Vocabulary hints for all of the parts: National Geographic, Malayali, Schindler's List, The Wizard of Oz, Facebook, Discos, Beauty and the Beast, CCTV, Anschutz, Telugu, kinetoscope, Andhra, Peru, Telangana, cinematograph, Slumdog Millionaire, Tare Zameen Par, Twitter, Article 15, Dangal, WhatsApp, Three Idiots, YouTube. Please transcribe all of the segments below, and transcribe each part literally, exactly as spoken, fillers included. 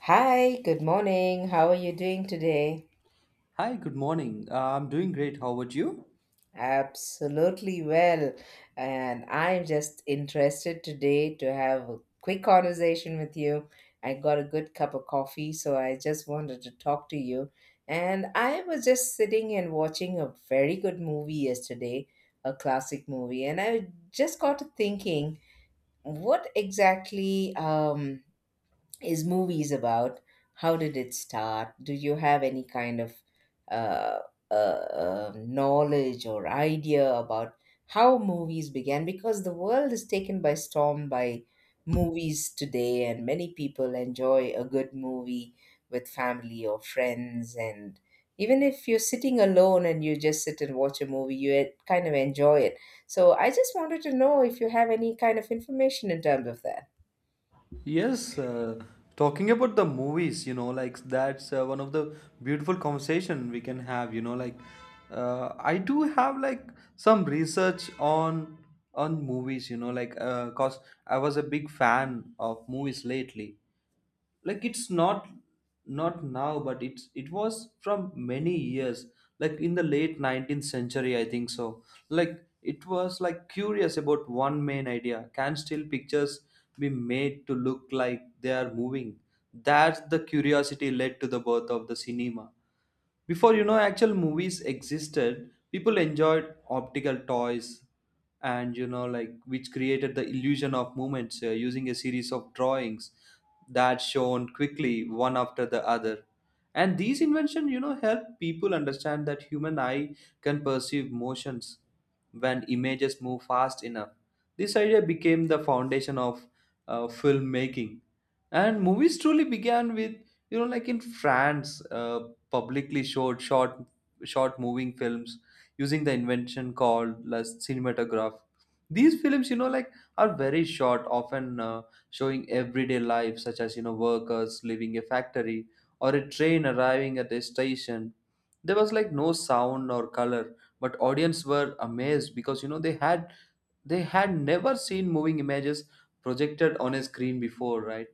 Hi, good morning. How are you doing today? Hi, good morning. Uh, I'm doing great. How about you? Absolutely well. And I'm just interested today to have a quick conversation with you. I got a good cup of coffee, so I just wanted to talk to you. And I was just sitting and watching a very good movie yesterday, a classic movie, and I just got to thinking what exactly um is movies about? How did it start? Do you have any kind of uh, uh, uh, knowledge or idea about how movies began? Because the world is taken by storm by movies today, and many people enjoy a good movie with family or friends. And even if you're sitting alone and you just sit and watch a movie, you eh, kind of enjoy it. So I just wanted to know if you have any kind of information in terms of that. Yes, uh, talking about the movies, you know, like that's uh, one of the beautiful conversation we can have, you know, like uh, I do have like some research on on movies, you know, like uh, cause I was a big fan of movies lately. like it's not not now but it's it was from many years, like in the late nineteenth century, I think. So like it was like curious about one main idea: can still pictures be made to look like they are moving? That's the curiosity led to the birth of the cinema. Before, you know, actual movies existed, people enjoyed optical toys, and, you know, like, which created the illusion of movements, uh, using a series of drawings that shown quickly one after the other. And these inventions, you know, help people understand that human eye can perceive motions when images move fast enough. This idea became the foundation of uh, filmmaking, and movies truly began with, you know, like, in France, uh, publicly showed short short moving films using the invention called as cinematograph. These films, you know, like, are very short, often uh, showing everyday life, such as, you know, workers leaving a factory or a train arriving at a station. There was like no sound or color, but audience were amazed because, you know, they had they had never seen moving images projected on a screen before. Right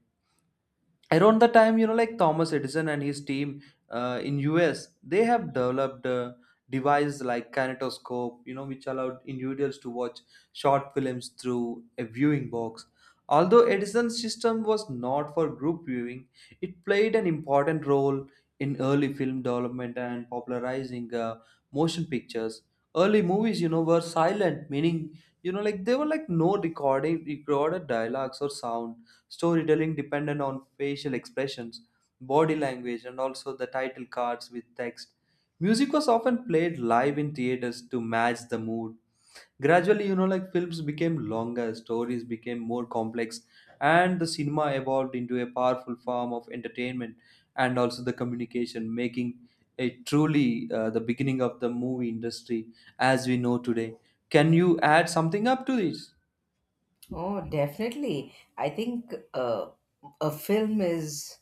around the time, you know, like, Thomas Edison and his team, uh, in US, they have developed uh, devices like kinetoscope, you know, which allowed individuals to watch short films through a viewing box. Although Edison's system was not for group viewing, it played an important role in early film development and popularizing uh, motion pictures. Early movies, you know, were silent, meaning, you know, like, they were like no recording recorded dialogues or sound. Storytelling dependent on facial expressions, body language, and also the title cards with text. Music was often played live in theaters to match the mood. Gradually, you know, like, films became longer, stories became more complex, and the cinema evolved into a powerful form of entertainment and also the communication, making it truly, uh, the beginning of the movie industry as we know today. Can you add something up to this? Oh, definitely. I think uh, a film is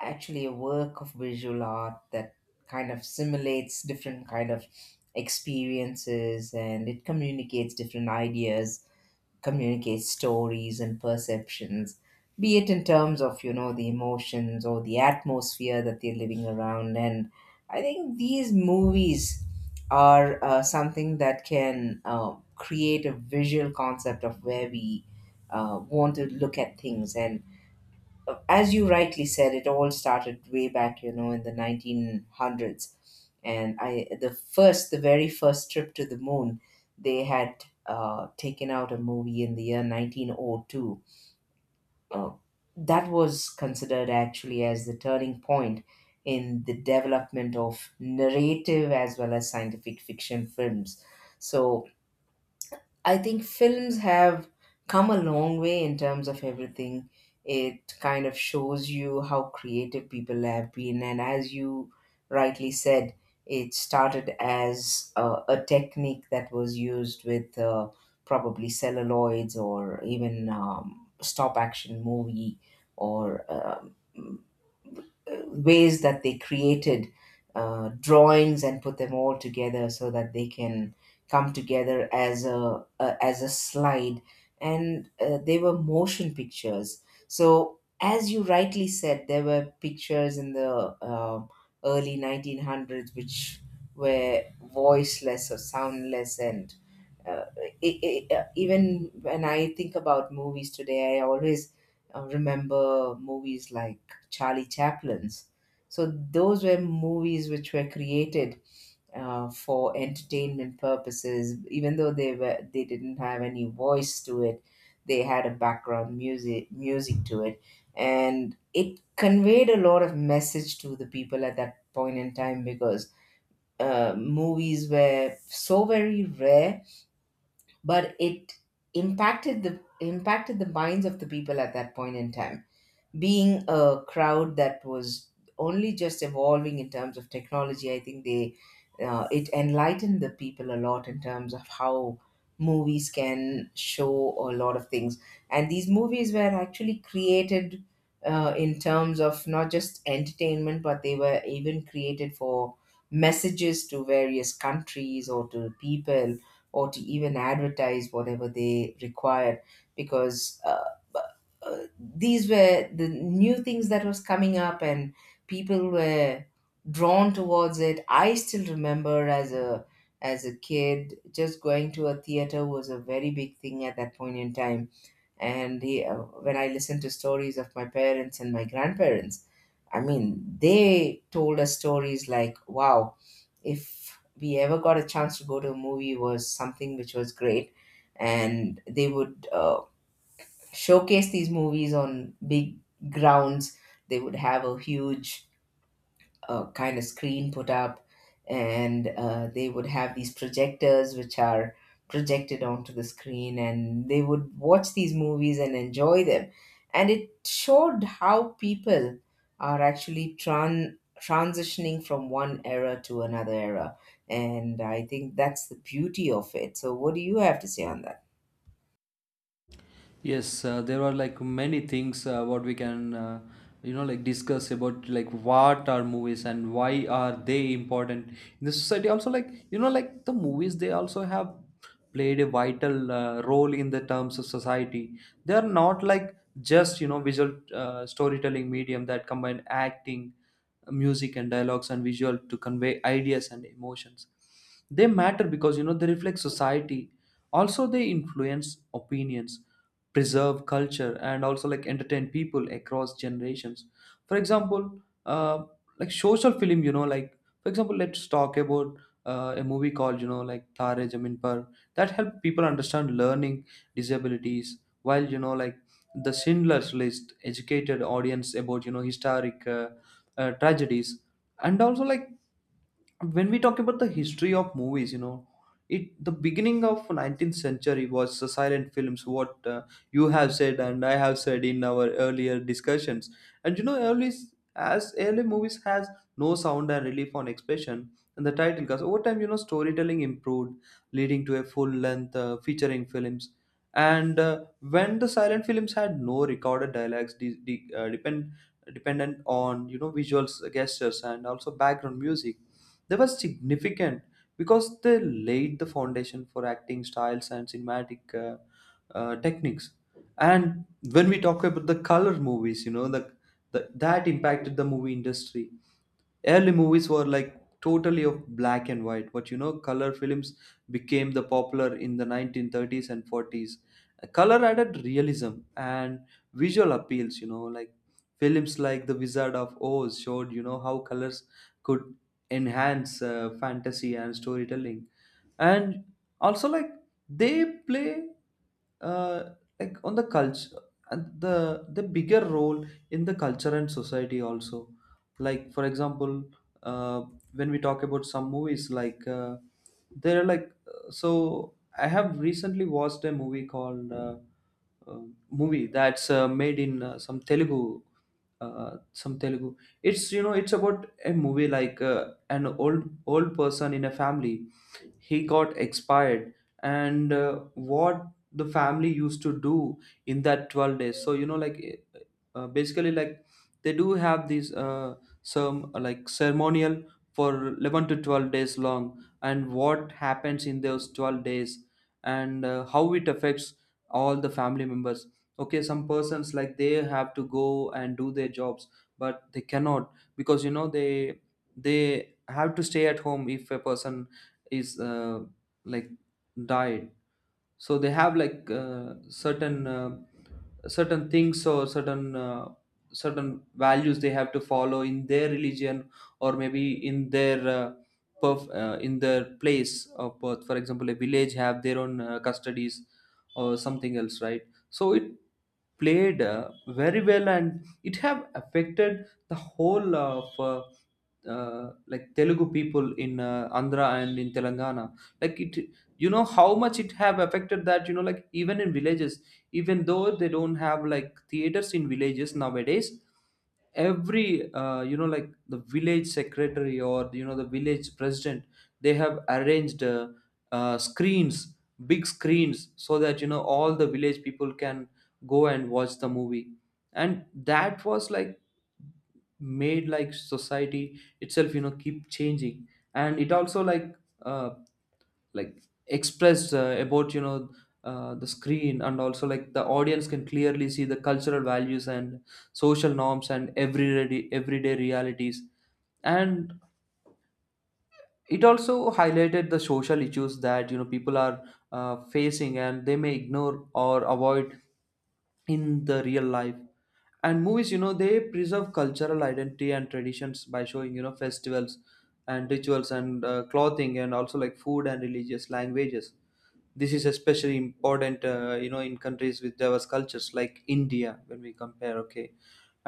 actually a work of visual art that kind of simulates different kind of experiences, and it communicates different ideas, communicate stories and perceptions, be it in terms of, you know, the emotions or the atmosphere that they're living around. And I think these movies are uh, something that can uh, create a visual concept of where we uh, want to look at things. And as you rightly said, it all started way back, you know, in the nineteen hundreds. And I, the first, the very first trip to the moon, they had uh, taken out a movie in the year nineteen oh two. Uh, that was considered actually as the turning point in the development of narrative as well as scientific fiction films. So I think films have come a long way in terms of everything. It kind of shows you how creative people have been, and as you rightly said, it started as a, a technique that was used with uh, probably celluloids or even um, stop action movie or. Um, uh, ways that they created uh, drawings and put them all together so that they can come together as a, a as a slide. And uh, they were motion pictures, so as you rightly said there were pictures in the uh, early nineteen hundreds which were voiceless or soundless. And uh, e- e- uh, even when I think about movies today, I always uh, remember movies like Charlie Chaplin's. So those were movies which were created uh, for entertainment purposes, even though they were they didn't have any voice to it. They had a background music music to it, and it conveyed a lot of message to the people at that point in time because uh, movies were so very rare, but it impacted the impacted the minds of the people at that point in time, being a crowd that was only just evolving in terms of technology. I think they uh, it enlightened the people a lot in terms of how movies can show a lot of things. And these movies were actually created uh, in terms of not just entertainment, but they were even created for messages to various countries or to people or to even advertise whatever they required because. Uh, uh, these were the new things that was coming up, and people were drawn towards it. I still remember, as a as a kid, just going to a theater was a very big thing at that point in time. And the, uh, when I listened to stories of my parents and my grandparents, I mean, they told us stories like wow, if we ever got a chance to go to a movie was something which was great. And they would uh, showcase these movies on big grounds. They would have a huge uh, kind of screen put up, and uh, they would have these projectors which are projected onto the screen, and they would watch these movies and enjoy them. And it showed how people are actually tran- transitioning from one era to another era. And I think that's the beauty of it. So, what do you have to say on that? Yes, uh, there are like many things uh, what we can, uh, you know, like, discuss about, like, what are movies and why are they important in the society. Also, like, you know, like, the movies, they also have played a vital uh, role in the terms of society. They are not like just, you know, visual uh, storytelling medium that combine acting, music and dialogues and visual to convey ideas and emotions. They matter because, you know, they reflect society, also they influence opinions, preserve culture and also like entertain people across generations. For example, uh, like social film, you know, like, for example, let's talk about, uh, a movie called, you know, like, Tare Zameen Par, that helped people understand learning disabilities, while, you know, like, the Schindler's List educated audience about, you know, historic uh, uh, tragedies and also like, when we talk about the history of movies, you know, it, the beginning of nineteenth century was the silent films, what uh, you have said and I have said in our earlier discussions. And, you know, early, as early movies has no sound and relief on expression and the title. Because over time, you know, storytelling improved, leading to a full length uh, featuring films. And uh, when the silent films had no recorded dialogues, de- de- uh, depend dependent on, you know, visuals, gestures and also background music, they were significant because they laid the foundation for acting styles and cinematic uh, uh, techniques. And when we talk about the color movies, you know, the, the that impacted the movie industry. Early movies were like totally of black and white, but, you know, color films became the popular in the nineteen thirties and forties. Color added realism and visual appeals. You know, like, films like The Wizard of Oz showed, you know, how colors could enhance uh, fantasy and storytelling. And also like, they play, uh, like, on the culture, and the the bigger role in the culture and society also. Like, for example, uh, when we talk about some movies like, uh, they're like, uh, so I have recently watched a movie called, uh, uh, movie that's uh, made in, uh, some telugu uh, some telugu. It's, you know, it's about a movie like, uh, an old old person in a family, he got expired. And uh, what the family used to do in that twelve days. So, you know, like, eh, eh, uh, basically like, they do have these uh, some uh, like ceremonial for eleven to twelve days long, and what happens in those twelve days, and uh, how it affects all the family members. Okay, some persons like they have to go and do their jobs, but they cannot, because, you know, they they have to stay at home if a person is, uh, like diet. So they have like uh, certain uh, certain things or certain uh, certain values they have to follow in their religion, or maybe in their uh, perf- uh, in their place of birth. For example, a village have their own uh, custodies or something else, right? So it played uh, very well, and it have affected the whole of, uh, uh, like Telugu people in, uh, Andhra and in Telangana. Like it, you know, how much it have affected that, you know, like, even in villages, even though they don't have like theaters in villages nowadays, every, uh, you know, like, the village secretary, or, you know, the village president, they have arranged, uh, uh, screens, big screens, so that, you know, all the village people can go and watch the movie. And that was like made, like, society itself, you know, keep changing. And it also like, uh, like expressed uh, about, you know, uh, the screen, and also like the audience can clearly see the cultural values and social norms and everyday everyday realities. And it also highlighted the social issues that, you know, people are uh, facing and they may ignore or avoid in the real life. And movies, you know, they preserve cultural identity and traditions by showing, you know, festivals and rituals and, uh, clothing and also like food and religious languages. This is especially important, uh, you know, in countries with diverse cultures like India, when we compare, okay.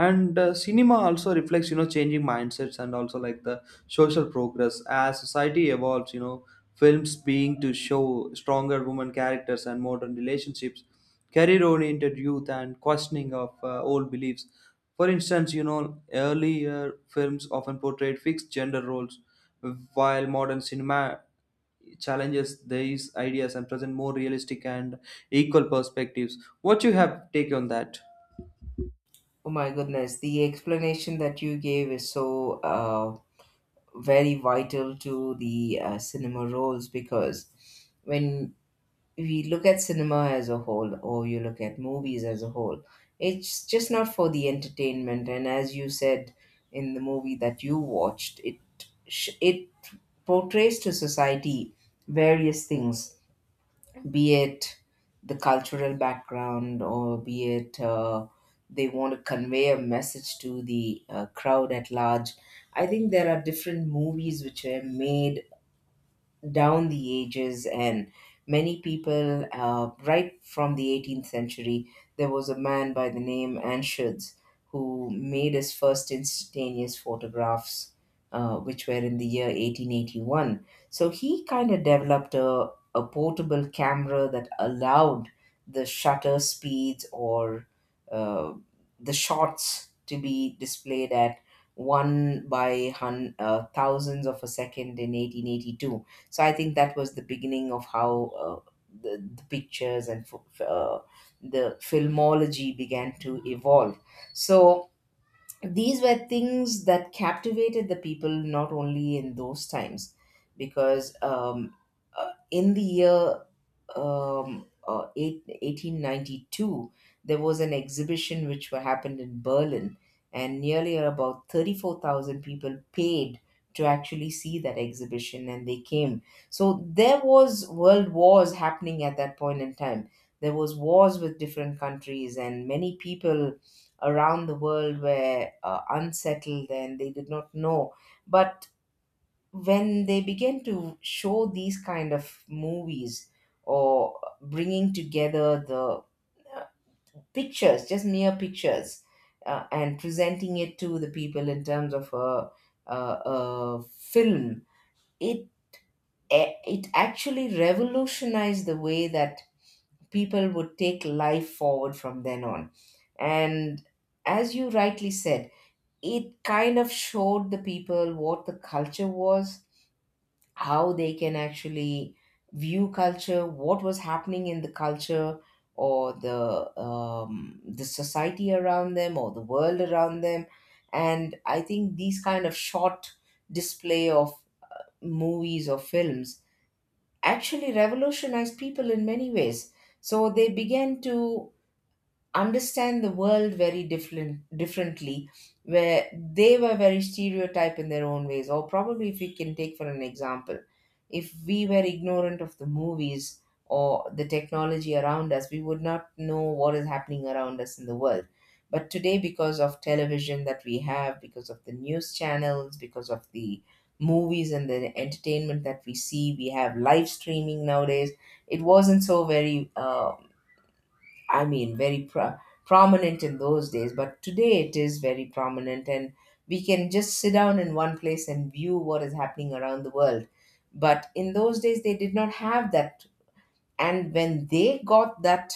And uh, cinema also reflects, you know, changing mindsets and also like the social progress. As society evolves, you know, films being to show stronger women characters and modern relationships, career oriented youth, and questioning of uh, old beliefs. For instance, you know, earlier films often portrayed fixed gender roles, while modern cinema challenges these ideas and present more realistic and equal perspectives. What you have take on that? Oh my goodness, the explanation that you gave is so uh, very vital to the uh, cinema roles, because when we look at cinema as a whole, or you look at movies as a whole, it's just not for the entertainment. And as you said in the movie that you watched, it sh- it portrays to society various things, be it the cultural background or be it uh, they want to convey a message to the uh, crowd at large. I think there are different movies which were made down the ages, and many people, uh, right from the eighteenth century, there was a man by the name Anschutz who made his first instantaneous photographs, uh, which were in the year eighteen eighty-one. So he kind of developed a, a portable camera that allowed the shutter speeds or uh, the shots to be displayed at one by hun- uh, thousands of a second in eighteen eighty-two. So I think that was the beginning of how uh, the, the pictures and f- f- uh, the filmology began to evolve. So these were things that captivated the people not only in those times, because um, uh, in the year um, uh, eight, eighteen ninety-two, there was an exhibition which were- happened in Berlin, and nearly about thirty-four thousand people paid to actually see that exhibition, and they came. So there was world wars happening at that point in time. There was wars with different countries, and many people around the world were uh, unsettled and they did not know. But when they began to show these kind of movies or bringing together the uh, pictures, just mere pictures, uh, and presenting it to the people in terms of a, a, a film, it eh, it actually revolutionized the way that people would take life forward from then on. And as you rightly said, it kind of showed the people what the culture was, how they can actually view culture, what was happening in the culture or the um, the society around them or the world around them, and I think these kind of short display of movies or films actually revolutionized people in many ways. So they began to understand the world very different differently, where they were very stereotyped in their own ways, or probably, if we can take for an example, if we were ignorant of the movies or the technology around us, we would not know what is happening around us in the world. But today, because of television that we have, because of the news channels, because of the movies and the entertainment that we see, we have live streaming nowadays. It wasn't so very uh, I mean, very pro- prominent in those days, but today it is very prominent, and we can just sit down in one place and view what is happening around the world. But in those days, they did not have that. And when they got that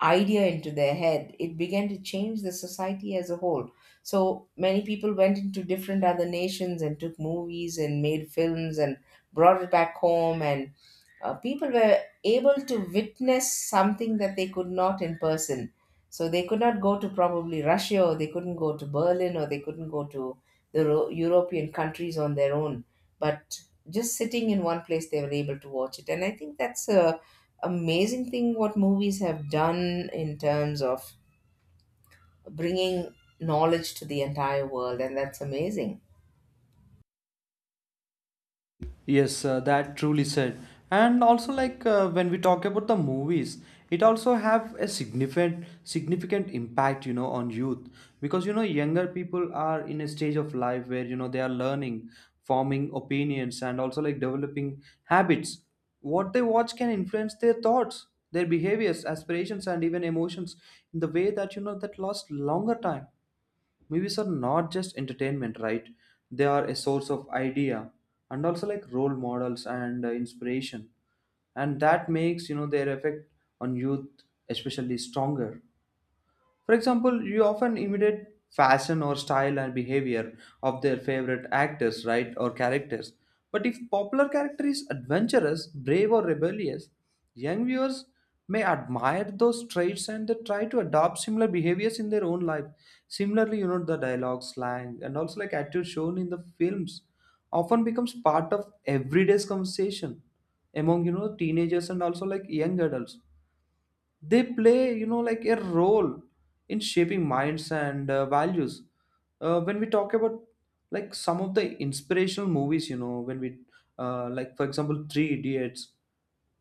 idea into their head, it began to change the society as a whole. So many people went into different other nations and took movies and made films and brought it back home. And uh, people were able to witness something that they could not in person. So they could not go to probably Russia, or they couldn't go to Berlin, or they couldn't go to the Ro- European countries on their own. But just sitting in one place, they were able to watch it. And I think that's a amazing thing what movies have done in terms of bringing knowledge to the entire world, and that's amazing. Yes, uh, that truly said. And also, like, uh, when we talk about the movies, it also have a significant significant impact, you know, on youth, because, you know, younger people are in a stage of life where, you know, they are learning, forming opinions, and also like developing habits. What they watch can influence their thoughts, their behaviors, aspirations, and even emotions in the way that, you know, that lasts longer time. Movies are not just entertainment, right? They are a source of idea and also like role models and uh, inspiration. And that makes, you know, their effect on youth especially stronger. For example, you often imitate fashion or style and behavior of their favorite actors, right, or characters. But if popular character is adventurous, brave, or rebellious, young viewers may admire those traits and they try to adopt similar behaviors in their own life. Similarly, you know, the dialogue, slang, and also like attitude shown in the films often becomes part of everyday's conversation among, you know, teenagers and also like young adults. They play, you know, like, a role in shaping minds and uh, values. Uh, when we talk about like some of the inspirational movies, you know, when we, uh, like, for example, Three Idiots,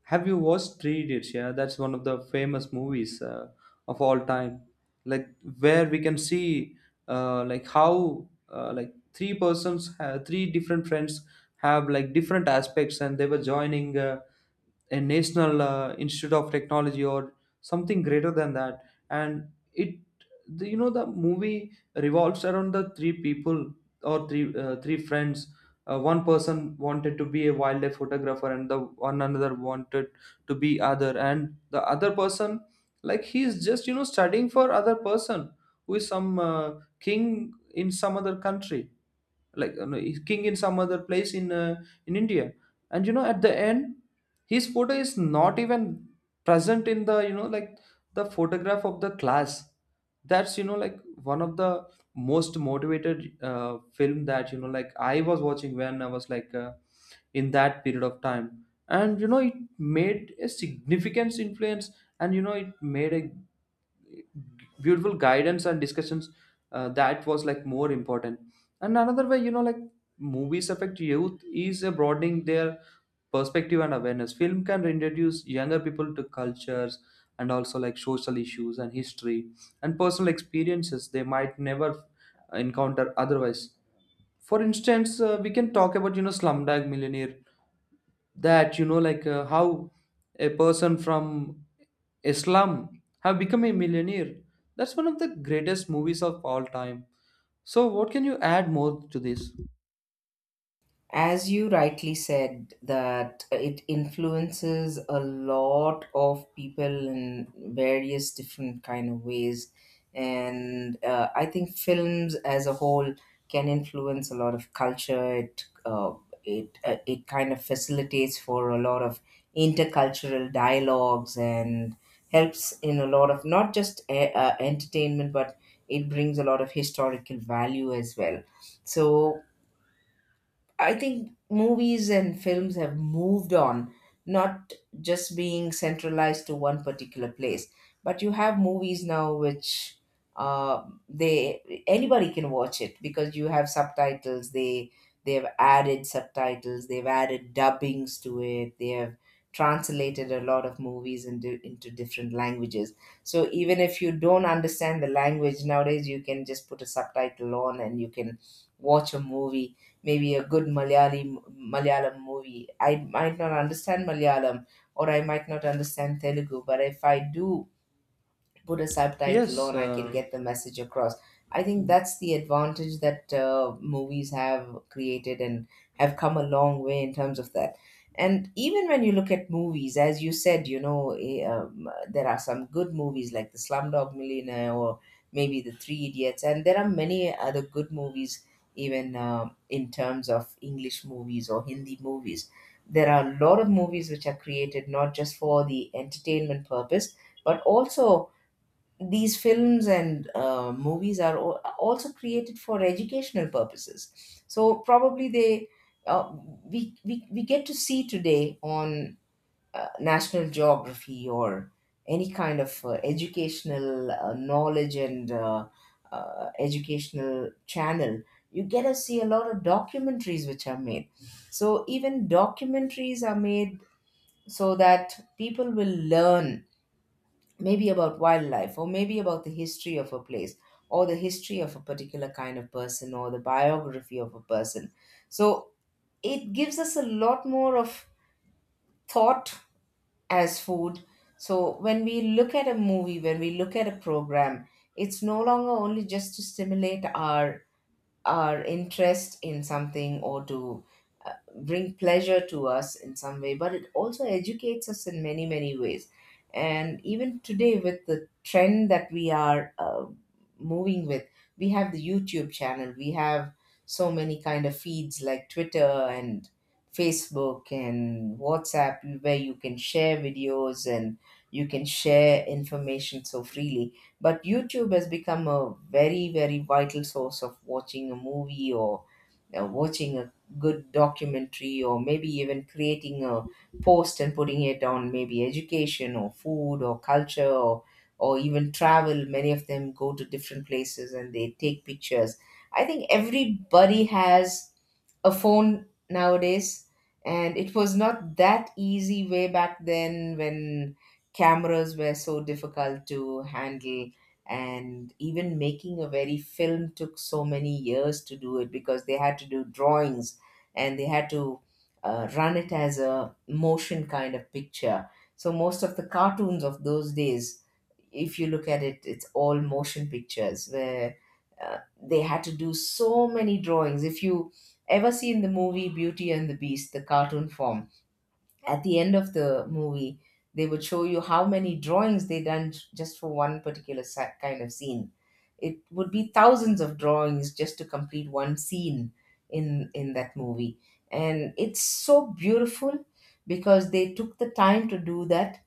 have you watched Three Idiots? Yeah, that's one of the famous movies uh, of all time. Like, where we can see, uh, like, how, uh, like, three persons, uh, three different friends have like different aspects, and they were joining, uh, a national uh, institute of technology or something greater than that. And it, the, you know, the movie revolves around the three people or three uh, three friends. Uh, one person wanted to be a wildlife photographer and the one another wanted to be other, and the other person, like, he is just you know studying for other person who is some uh, king in some other country, like, you know, he's king in some other place in uh, in India. And you know, at the end, his photo is not even present in the you know like the photograph of the class. That's you know like one of the most motivated uh, film that you know like I was watching when I was like uh, in that period of time, and you know it made a significant influence, and you know it made a beautiful guidance and discussions uh, that was like more important. And another way, you know, like movies affect youth is uh, broadening their perspective and awareness. Film can introduce younger people to cultures, and also like social issues, and history, and personal experiences they might never encounter otherwise. For instance, uh, we can talk about, you know, Slumdog Millionaire, that you know like uh, how a person from a slum have become a millionaire. That's one of the greatest movies of all time. So what can you add more to this? As you rightly said, that it influences a lot of people in various different kind of ways, and uh, I think films as a whole can influence a lot of culture. It uh, it uh, it kind of facilitates for a lot of intercultural dialogues and helps in a lot of not just uh, uh, entertainment, but it brings a lot of historical value as well. So I think movies and films have moved on, not just being centralized to one particular place, but you have movies now which uh, they anybody can watch it because you have subtitles. They they've added subtitles. They've added dubbings to it. They have translated a lot of movies into into different languages. So even if you don't understand the language nowadays, you can just put a subtitle on and you can watch a movie, maybe a good Malayali Malayalam movie. I might not understand Malayalam or I might not understand Telugu, but if I do put a subtitle Yes, on, I can uh, get the message across. I think that's the advantage that uh, movies have created, and have come a long way in terms of that. And even when you look at movies, as you said, you know eh, um, there are some good movies like the Slumdog Millionaire or maybe the Three Idiots, and there are many other good movies, even um in terms of English movies or Hindi movies. There are a lot of movies which are created not just for the entertainment purpose, but also these films and uh, movies are al- also created for educational purposes. So probably they, uh, we, we we get to see today on uh, National Geography or any kind of uh, educational uh, knowledge and uh, uh, educational channel. You get to see a lot of documentaries which are made. So even documentaries are made so that people will learn, maybe about wildlife or maybe about the history of a place, or the history of a particular kind of person, or the biography of a person. So it gives us a lot more of thought as food. So when we look at a movie, when we look at a program, it's no longer only just to stimulate our our interest in something, or to bring pleasure to us in some way, but it also educates us in many, many ways. And even today, with the trend that we are uh, moving with, we have the YouTube channel, we have so many kind of feeds like Twitter and Facebook and WhatsApp, where you can share videos and you can share information so freely. But YouTube has become a very, very vital source of watching a movie, or uh, watching a good documentary, or maybe even creating a post and putting it on, maybe education or food or culture or or even travel. Many of them go to different places and they take pictures. I think everybody has a phone nowadays, and it was not that easy way back then, when cameras were so difficult to handle. And even making a very film took so many years to do it, because they had to do drawings, and they had to uh, run it as a motion kind of picture. So most of the cartoons of those days, if you look at it, it's all motion pictures where uh, they had to do so many drawings. If you ever seen the movie Beauty and the Beast, the cartoon form, at the end of the movie they would show you how many drawings they done j- just for one particular sa- kind of scene. It would be thousands of drawings just to complete one scene in in that movie, and it's so beautiful because they took the time to do that,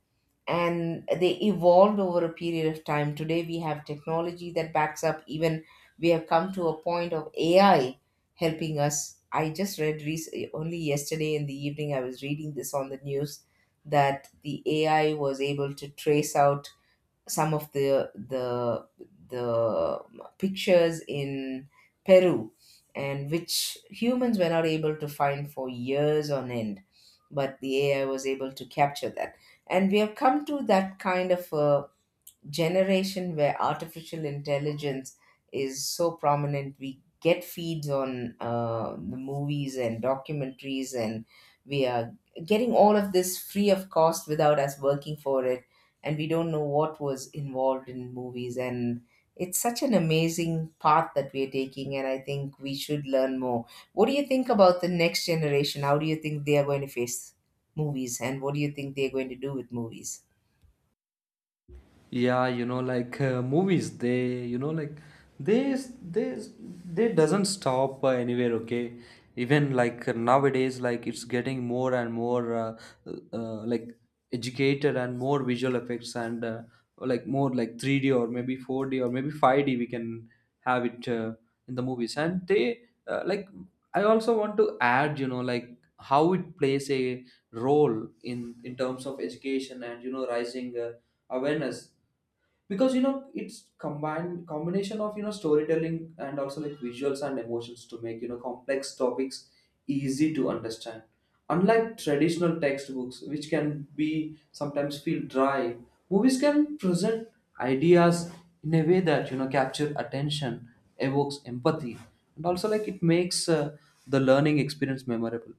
and they evolved over a period of time. Today, we have technology that backs up. Even we have come to a point of A I helping us. I just read rec- only yesterday in the evening, I was reading this on the news that the A I was able to trace out some of the the the pictures in Peru, and which humans were not able to find for years on end, but the A I was able to capture that. And we have come to that kind of a generation where artificial intelligence is so prominent. We get feeds on uh, the movies and documentaries, and we are getting all of this free of cost without us working for it, and we don't know what was involved in movies. And it's such an amazing path that we're taking, and I think we should learn more. What do you think about the next generation? How do you think they are going to face movies, and what do you think they're going to do with movies? yeah. You know, like uh, movies, they, you know, like they, they, they doesn't stop uh, anywhere. Okay, even like uh, nowadays, like, it's getting more and more, uh, uh, like educated, and more visual effects, and uh, like more like three D or maybe four D or maybe five D. We can have it uh, in the movies, and they uh, like. I also want to add, you know, like how it plays a role in in terms of education, and you know, rising uh, awareness, because you know it's combined combination of, you know, storytelling and also like visuals and emotions, to make, you know, complex topics easy to understand. Unlike traditional textbooks, which can be sometimes feel dry, movies can present ideas in a way that, you know, capture attention, evokes empathy, and also like it makes uh, the learning experience memorable.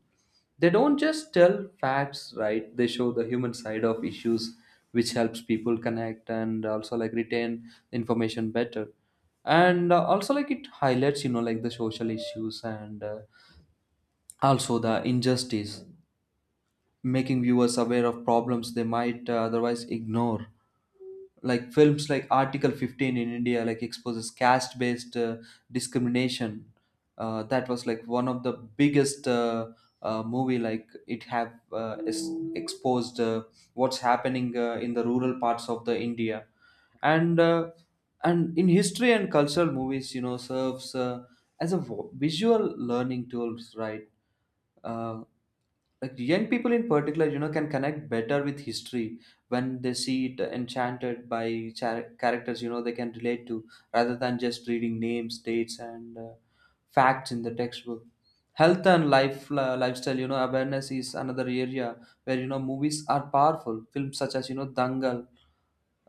They don't just tell facts, right? They show the human side of issues, which helps people connect and also like retain information better. And uh, also like it highlights, you know, like the social issues, and uh, also the injustice, making viewers aware of problems they might uh, otherwise ignore. Like films like Article fifteen in India, like, exposes caste based uh, discrimination. Uh, that was like one of the biggest uh, uh, movie, like it have uh, is exposed uh, what's happening uh, in the rural parts of the India. And uh, and in history and cultural movies, you know, serves uh, as a vo- visual learning tools, right? uh, like young people, in particular, you know, can connect better with history when they see it enchanted by char- characters, you know, they can relate to, rather than just reading names, dates, and uh, facts in the textbook. Health and life uh, lifestyle, you know, awareness is another area where, you know, movies are powerful. Films such as, you know, Dangal,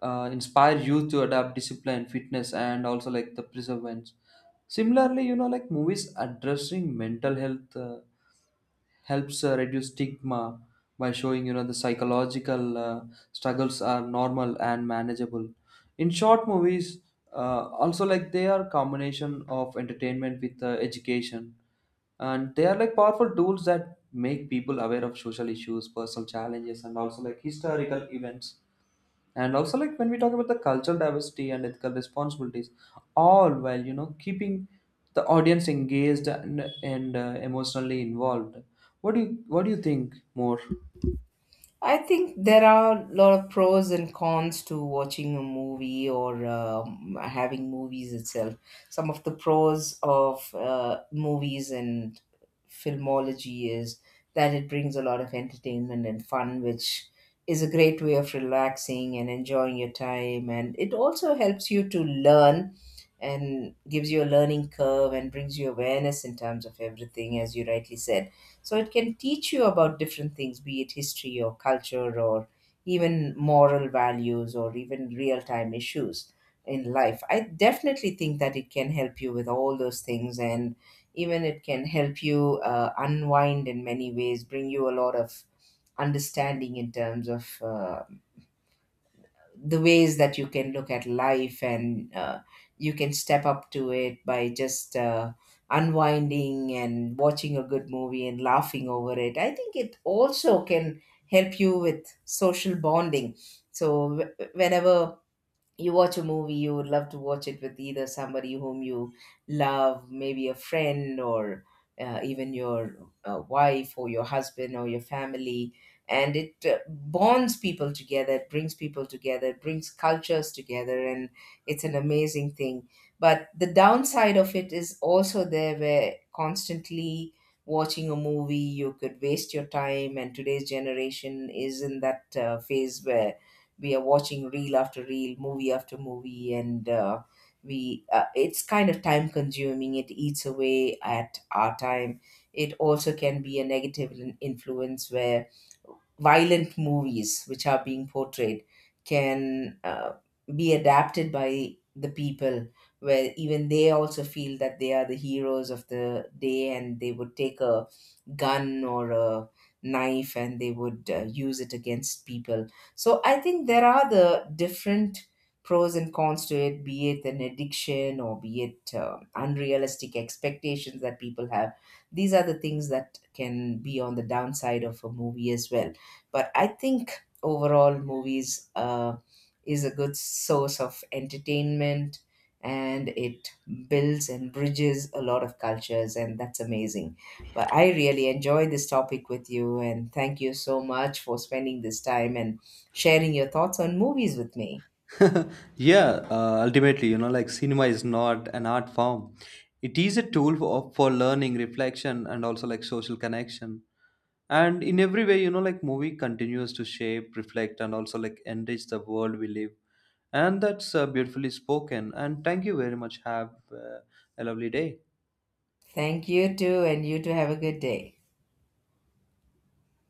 uh, inspire youth to adapt discipline, fitness, and also like the perseverance. Similarly, you know, like movies addressing mental health uh, helps uh, reduce stigma by showing, you know, the psychological uh, struggles are normal and manageable. In short, movies uh, also like they are combination of entertainment with uh, education, and they are like powerful tools that make people aware of social issues, personal challenges, and also like historical events, and also like when we talk about the cultural diversity and ethical responsibilities, all while, you know, keeping the audience engaged and, and uh, emotionally involved. What do you what do you think more? I think there are a lot of pros and cons to watching a movie, or um, having movies itself. Some of the pros of uh, movies and filmology is that it brings a lot of entertainment and fun, which is a great way of relaxing and enjoying your time. And it also helps you to learn, and gives you a learning curve, and brings you awareness in terms of everything, as you rightly said. So it can teach you about different things, be it history or culture, or even moral values, or even real time issues in life. I definitely think that it can help you with all those things, and even it can help you uh, unwind in many ways, bring you a lot of understanding in terms of uh, the ways that you can look at life, and uh, you can step up to it by just uh, unwinding and watching a good movie and laughing over it. I think it also can help you with social bonding. So, wh- whenever you watch a movie, you would love to watch it with either somebody whom you love, maybe a friend, or uh, even your uh, wife or your husband or your family. And it uh, bonds people together, it brings people together, it brings cultures together, and it's an amazing thing. But the downside of it is also there, where constantly watching a movie, you could waste your time, and today's generation is in that uh, phase where we are watching reel after reel, movie after movie, and uh, we uh, it's kind of time consuming, it eats away at our time. It also can be a negative in- influence, where violent movies which are being portrayed can uh, be adapted by the people, where even they also feel that they are the heroes of the day, and they would take a gun or a knife, and they would uh, use it against people. So I think there are the different pros and cons to it, be it an addiction or be it uh, unrealistic expectations that people have. These are the things that can be on the downside of a movie as well. But I think overall, movies uh, is a good source of entertainment, and it builds and bridges a lot of cultures, and that's amazing. But I really enjoyed this topic with you, and thank you so much for spending this time and sharing your thoughts on movies with me. Yeah, uh, ultimately, you know, like, cinema is not an art form, it is a tool for, for learning, reflection, and also like social connection. And in every way, you know, like, movie continues to shape, reflect, and also like enrich the world we live. And that's uh, beautifully spoken, and thank you very much. Have uh, a lovely day. Thank you too, and you too have a good day.